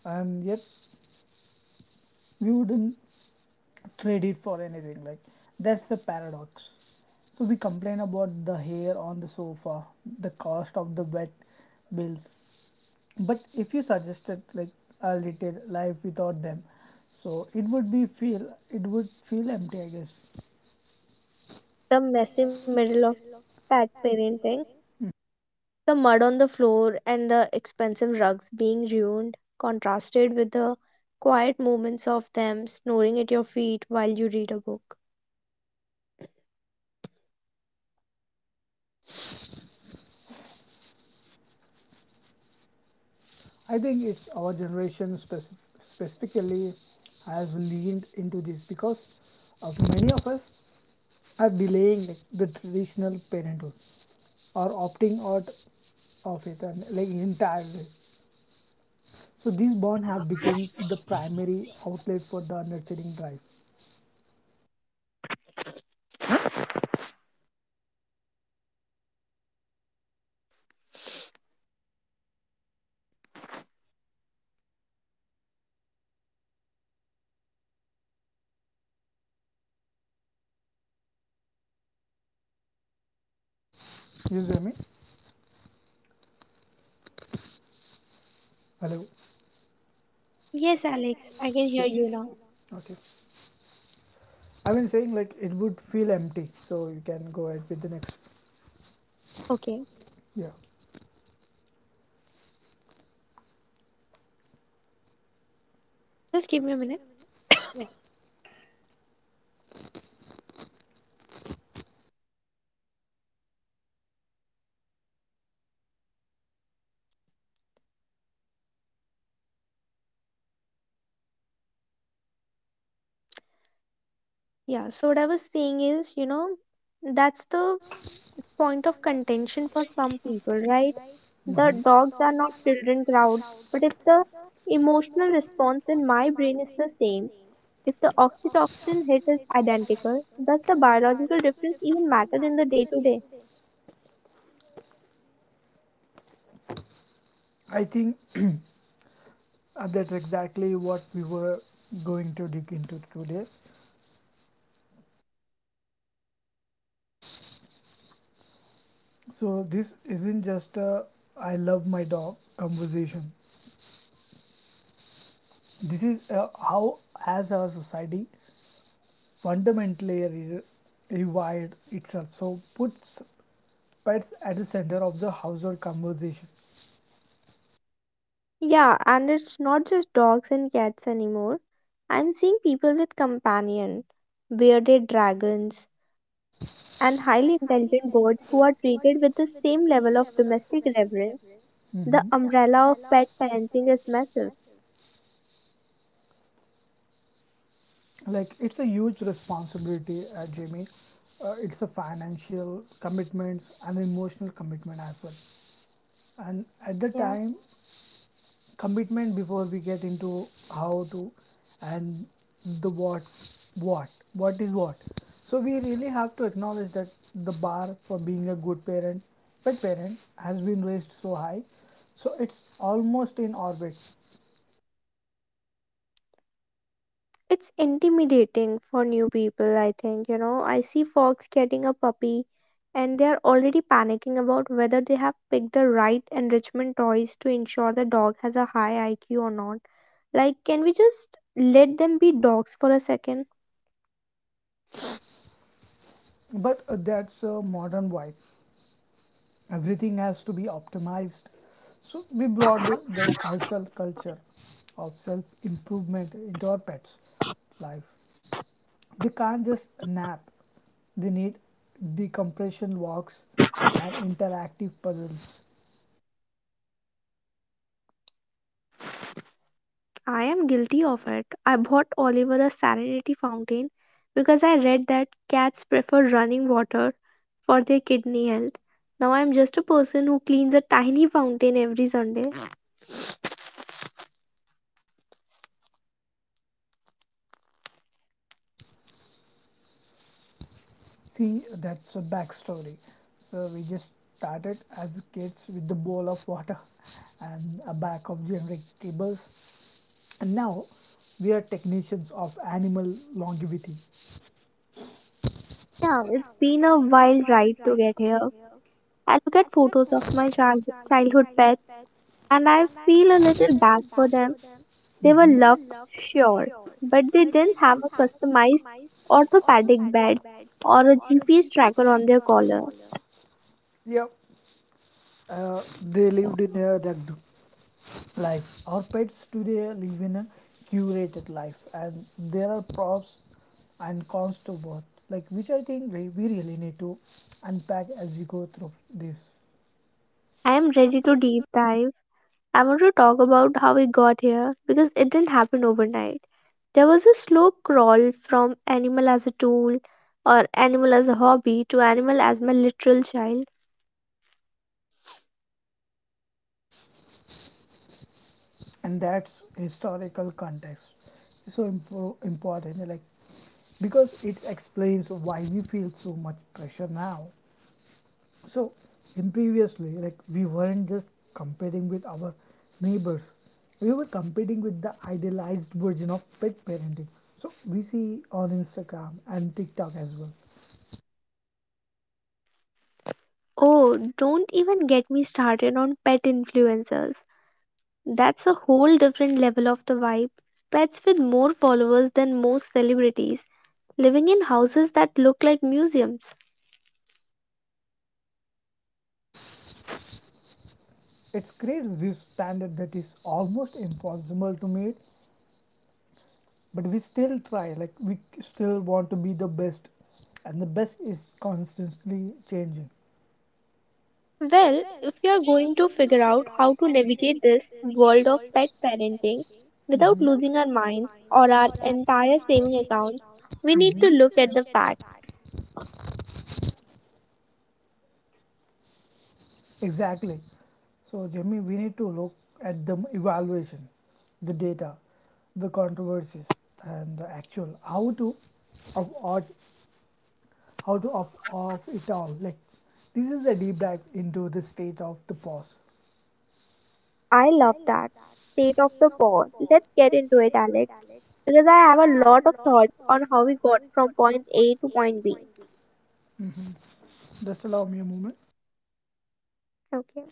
Speaker 1: And yet we wouldn't trade it for anything. Like that's the paradox. So we complain about the hair on the sofa, the cost of the wet bills, but if you suggested like a little life without them, so it would feel empty, I guess.
Speaker 2: The messy middle of pet parenting, the mud on the floor, and the expensive rugs being ruined, contrasted with the quiet moments of them snoring at your feet while you read a book.
Speaker 1: I think it's our generation specifically has leaned into this because of many of us are delaying like, the traditional parenthood or opting out of it and like entirely. So these bonds have become the primary outlet for the nurturing drive. You hear me? Hello. I.
Speaker 2: Yes, Alex, I can hear
Speaker 1: Yeah.
Speaker 2: you now.
Speaker 1: Now. Okay. I've been saying like it would feel empty. So you can go ahead with the next.
Speaker 2: Okay,
Speaker 1: Yeah.
Speaker 2: just give me a minute. Yeah, so what I was saying is, you know, that's the point of contention for some people, right? The
Speaker 1: Hmm.
Speaker 2: dogs are not children crowd, but if the emotional response in my brain is the same, if the oxytocin hit is identical, does the biological difference even matter in the day to day?
Speaker 1: I think that's exactly what we were going to dig into today. So this isn't just a I love my dog conversation. This is a, how as our society fundamentally rewired itself. So puts pets at the center of the household conversation.
Speaker 2: Yeah, and it's not just dogs and cats anymore. I'm seeing people with companion, bearded dragons, and highly intelligent birds who are treated with the same level of domestic reverence. The
Speaker 1: Mm-hmm.
Speaker 2: umbrella of pet parenting is massive.
Speaker 1: Like it's a huge responsibility, Jamie. It's a financial commitment and emotional commitment as well. And at the
Speaker 2: Yeah.
Speaker 1: time, commitment before we get into how to and the what's, what what is what, so we really have to acknowledge that the bar for being a good parent pet parent has been raised so high, so it's almost in orbit.
Speaker 2: It's intimidating for new people, I think. You know, I see folks getting a puppy and they are already panicking about whether they have picked the right enrichment toys to ensure the dog has a high IQ or not. Like, can we just let them be dogs for a second?
Speaker 1: But that's a modern vibe. Everything has to be optimized. So we brought the hustle culture of self improvement into our pets life. They can't just nap, they need decompression walks and interactive puzzles.
Speaker 2: I am guilty of it. I bought Oliver a serenity fountain because I read that cats prefer running water for their kidney health. Now I am just a person who cleans a tiny fountain every Sunday.
Speaker 1: See, that's a backstory. So we just started as kids with the bowl of water and a bag of generic cables, and now we are technicians of animal longevity.
Speaker 2: Yeah, it's been a wild ride to get here. I look at photos of my childhood pets and I feel a little bad for them. They were
Speaker 1: Mhm.
Speaker 2: loved, sure, but they didn't have a
Speaker 1: Didn't.
Speaker 2: customized orthopedic bed
Speaker 1: Beds.
Speaker 2: or a GPS tracker on their collar.
Speaker 1: Yep. Uh, they lived in a duct life. Our pets today live in a curated life, and there are props and cons to both. Like which I think we really need to unpack as we go through this,
Speaker 2: I am ready to deep dive. I want to talk about how we got here because it didn't happen overnight. There was a slow crawl from animal as a tool or animal as a hobby to animal as my literal child.
Speaker 1: and that's historical context is so important, like because it explains why we feel so much pressure now. So, in previously, like we weren't just competing with our neighbors, we were competing with the idealized version of pet parenting. So, we see on Instagram and TikTok as well.
Speaker 2: Oh, don't even get me started on pet influencers. That's a whole different level of the vibe. Pets with more followers than most celebrities, living in houses that look like museums.
Speaker 1: It creates this standard that is almost impossible to meet, but we still try, like, we still want to be the best, and the best is constantly changing.
Speaker 2: Well, if you are going to figure out how to navigate this world of pet parenting without
Speaker 1: Hmm.
Speaker 2: losing our minds or our entire saving accounts, we need to look
Speaker 1: Hmm.
Speaker 2: at the facts.
Speaker 1: Exactly. So, Jimmy, we need to look at the evaluation, the data, the controversies, and the actual how to of art, how to of it all. Like, this is a deep dive into the state of the pause.
Speaker 2: I love that. State of the paw. Let's get into it, Alex, because I have a lot of thoughts on how we got from point A to point B.
Speaker 1: Just allow me a moment.
Speaker 2: Okay.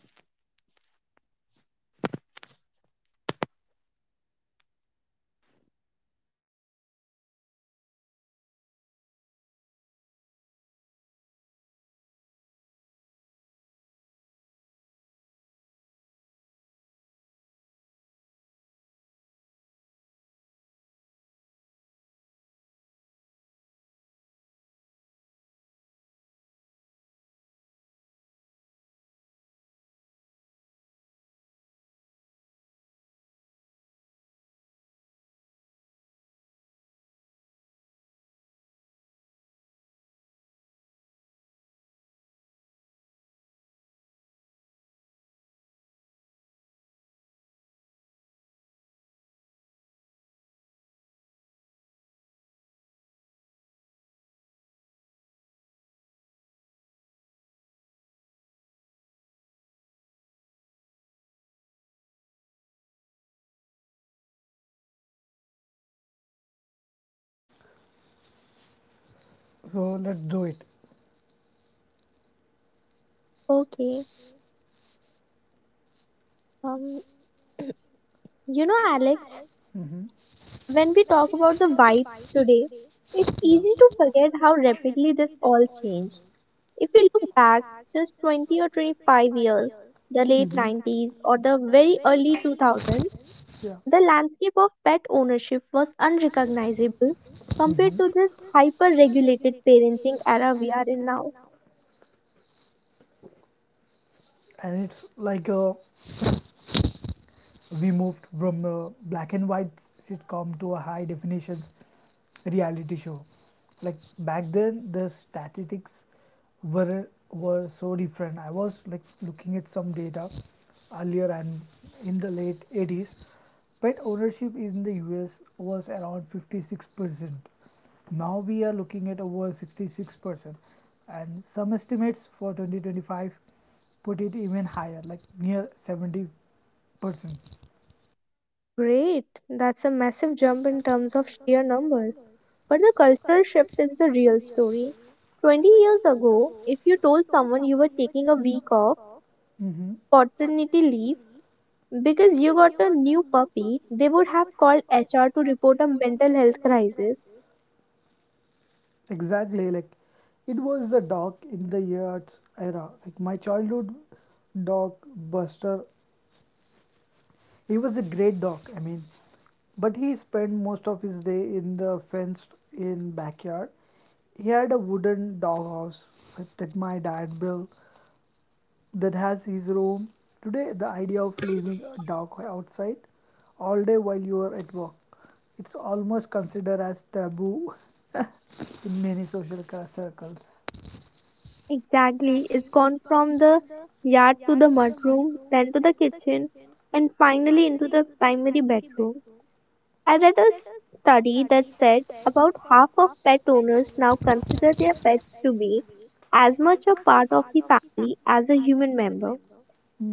Speaker 1: So, let's do it.
Speaker 2: Okay. Um, you know, Alex,
Speaker 1: Mm-hmm.
Speaker 2: when we talk about the vibe today, it's
Speaker 1: Yeah.
Speaker 2: easy to forget how rapidly this all changed. If we look back just 20 or 25 years, the late
Speaker 1: Mhm.
Speaker 2: 90s or the very early 2000s,
Speaker 1: Yeah.
Speaker 2: the landscape of pet ownership was unrecognizable compared
Speaker 1: Hmm.
Speaker 2: to this hyper regulated parenting era we are in now.
Speaker 1: And it's like a we moved from a black and white sitcom to a high definitions reality show. Like back then the statistics were were so different. I was like looking at some data earlier, and in the late 80s pet ownership in the US was around 56%. Now we are looking at over 66%, and some estimates for 2025 put it even higher, like near 70 percent.
Speaker 2: Great, that's a massive jump in terms of sheer numbers. But the cultural shift is the real story. 20 years ago, if you told someone you were taking a week off
Speaker 1: Hmm.
Speaker 2: paternity leave, because you got a new puppy, they would have called HR to report a mental health crisis.
Speaker 1: Exactly. Like it was the dog in the yards era. Like my childhood dog Buster, he was a great dog. I mean, but he spent most of his day in the fenced in backyard. He had a wooden doghouse that my dad built that has his room. Today, the idea of leaving a dog outside all day while you are at work, it's almost considered as taboo in many social circles.
Speaker 2: Exactly. It's gone from the yard to the mudroom, then to the kitchen, and finally into the primary bedroom. I read a study that said about half of pet owners now consider their pets to be as much a part of the family as a human member.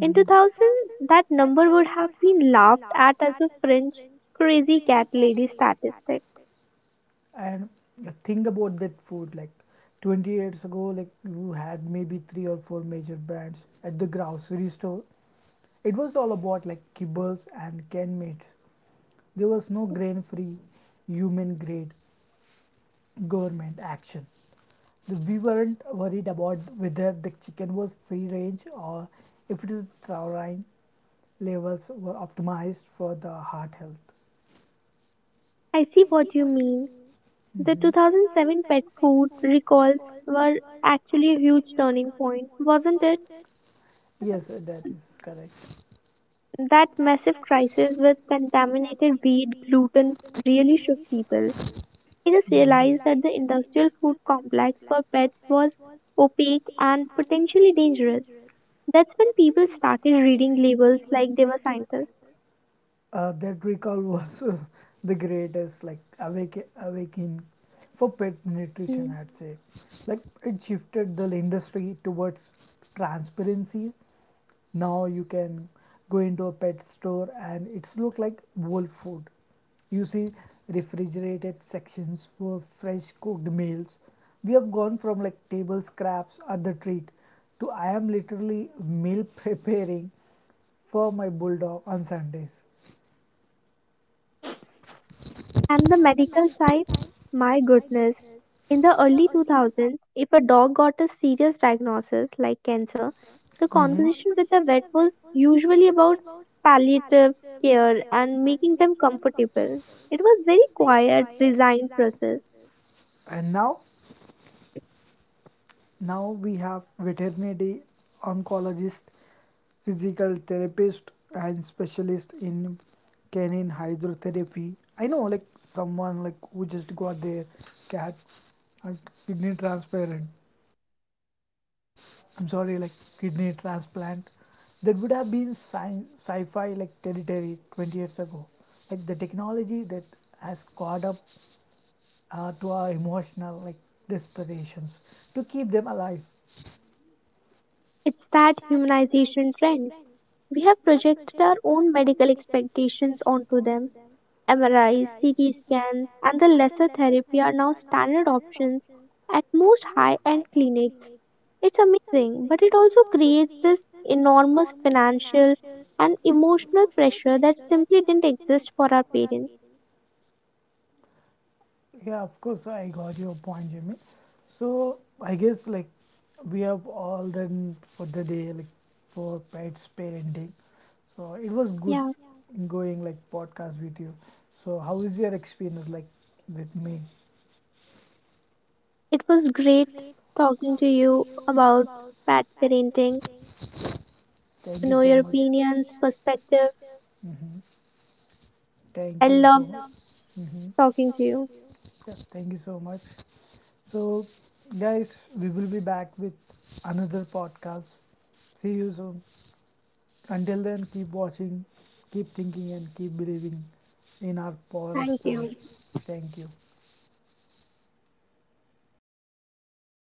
Speaker 2: In 2000, that number would have been laughed at as a fringe, crazy cat lady statistic.
Speaker 1: And think about that food, like 20 years ago, like you had maybe three or four major brands at the grocery store. It was all about like kibbles and can meats. There was no grain free, human grade government action. We weren't worried about whether the chicken was free range or if its taurine levels were optimized for the heart health.
Speaker 2: I see what you mean. The
Speaker 1: Mhm.
Speaker 2: 2007 pet food recalls were actually a huge turning point, wasn't it?
Speaker 1: Yes, that is correct. Just
Speaker 2: That massive crisis with contaminated wheat gluten really shook people. It is
Speaker 1: Mhm.
Speaker 2: realized that the industrial food complex for pets was opaque and potentially dangerous. That's when people started reading labels like they were scientists.
Speaker 1: That recall was the greatest, like awake, awakening for pet nutrition,
Speaker 2: Hmm.
Speaker 1: I'd say. Like it shifted the industry towards transparency. Now you can go into a pet store and it's look like whole food. You see refrigerated sections for fresh cooked meals. We have gone from like table scraps or the treat to I am literally meal preparing for my bulldog on Sundays.
Speaker 2: And the medical side, my goodness. In the early 2000s, if a dog got a serious diagnosis like cancer, the
Speaker 1: The. Mm-hmm.
Speaker 2: conversation with the vet was usually about palliative care and
Speaker 1: Actors.
Speaker 2: making them comfortable. It was very quiet, resigned process.
Speaker 1: And now we have veterinary oncologist, physical therapist, and specialist in canine hydrotherapy. I know, like someone like who just got their cat a kidney transparent I'm sorry, like kidney transplant, that would have been sci-fi like territory 20 years ago. Like the technology that has caught up to our emotional like desperations to keep them alive.
Speaker 2: It's that humanization trend. We have projected our own medical expectations onto them. MRIs, CT scans, and the laser therapy are now standard options at most high end clinics. It's amazing, but it also creates this enormous financial and emotional pressure that simply didn't exist for our parents.
Speaker 1: Yeah, of course, I got your point, Jimmy. So I guess like we have all done for the day, like for pets parenting. So it was good
Speaker 2: Yeah,
Speaker 1: going like podcast with you. So how is your experience like with me?
Speaker 2: it was great talking to you about bad parenting, to
Speaker 1: Thank you
Speaker 2: know
Speaker 1: so
Speaker 2: your
Speaker 1: much.
Speaker 2: opinions, perspective.
Speaker 1: Hmm.
Speaker 2: I
Speaker 1: Thank you so
Speaker 2: love
Speaker 1: and much. Love. Hmm.
Speaker 2: talking to you.
Speaker 1: Yeah, thank you so much. So, guys, we will be back with another podcast. See you soon. Until then, keep watching, keep thinking, and keep believing in our power of thank
Speaker 2: Thank
Speaker 1: stories.
Speaker 2: you.
Speaker 1: You. Thank you.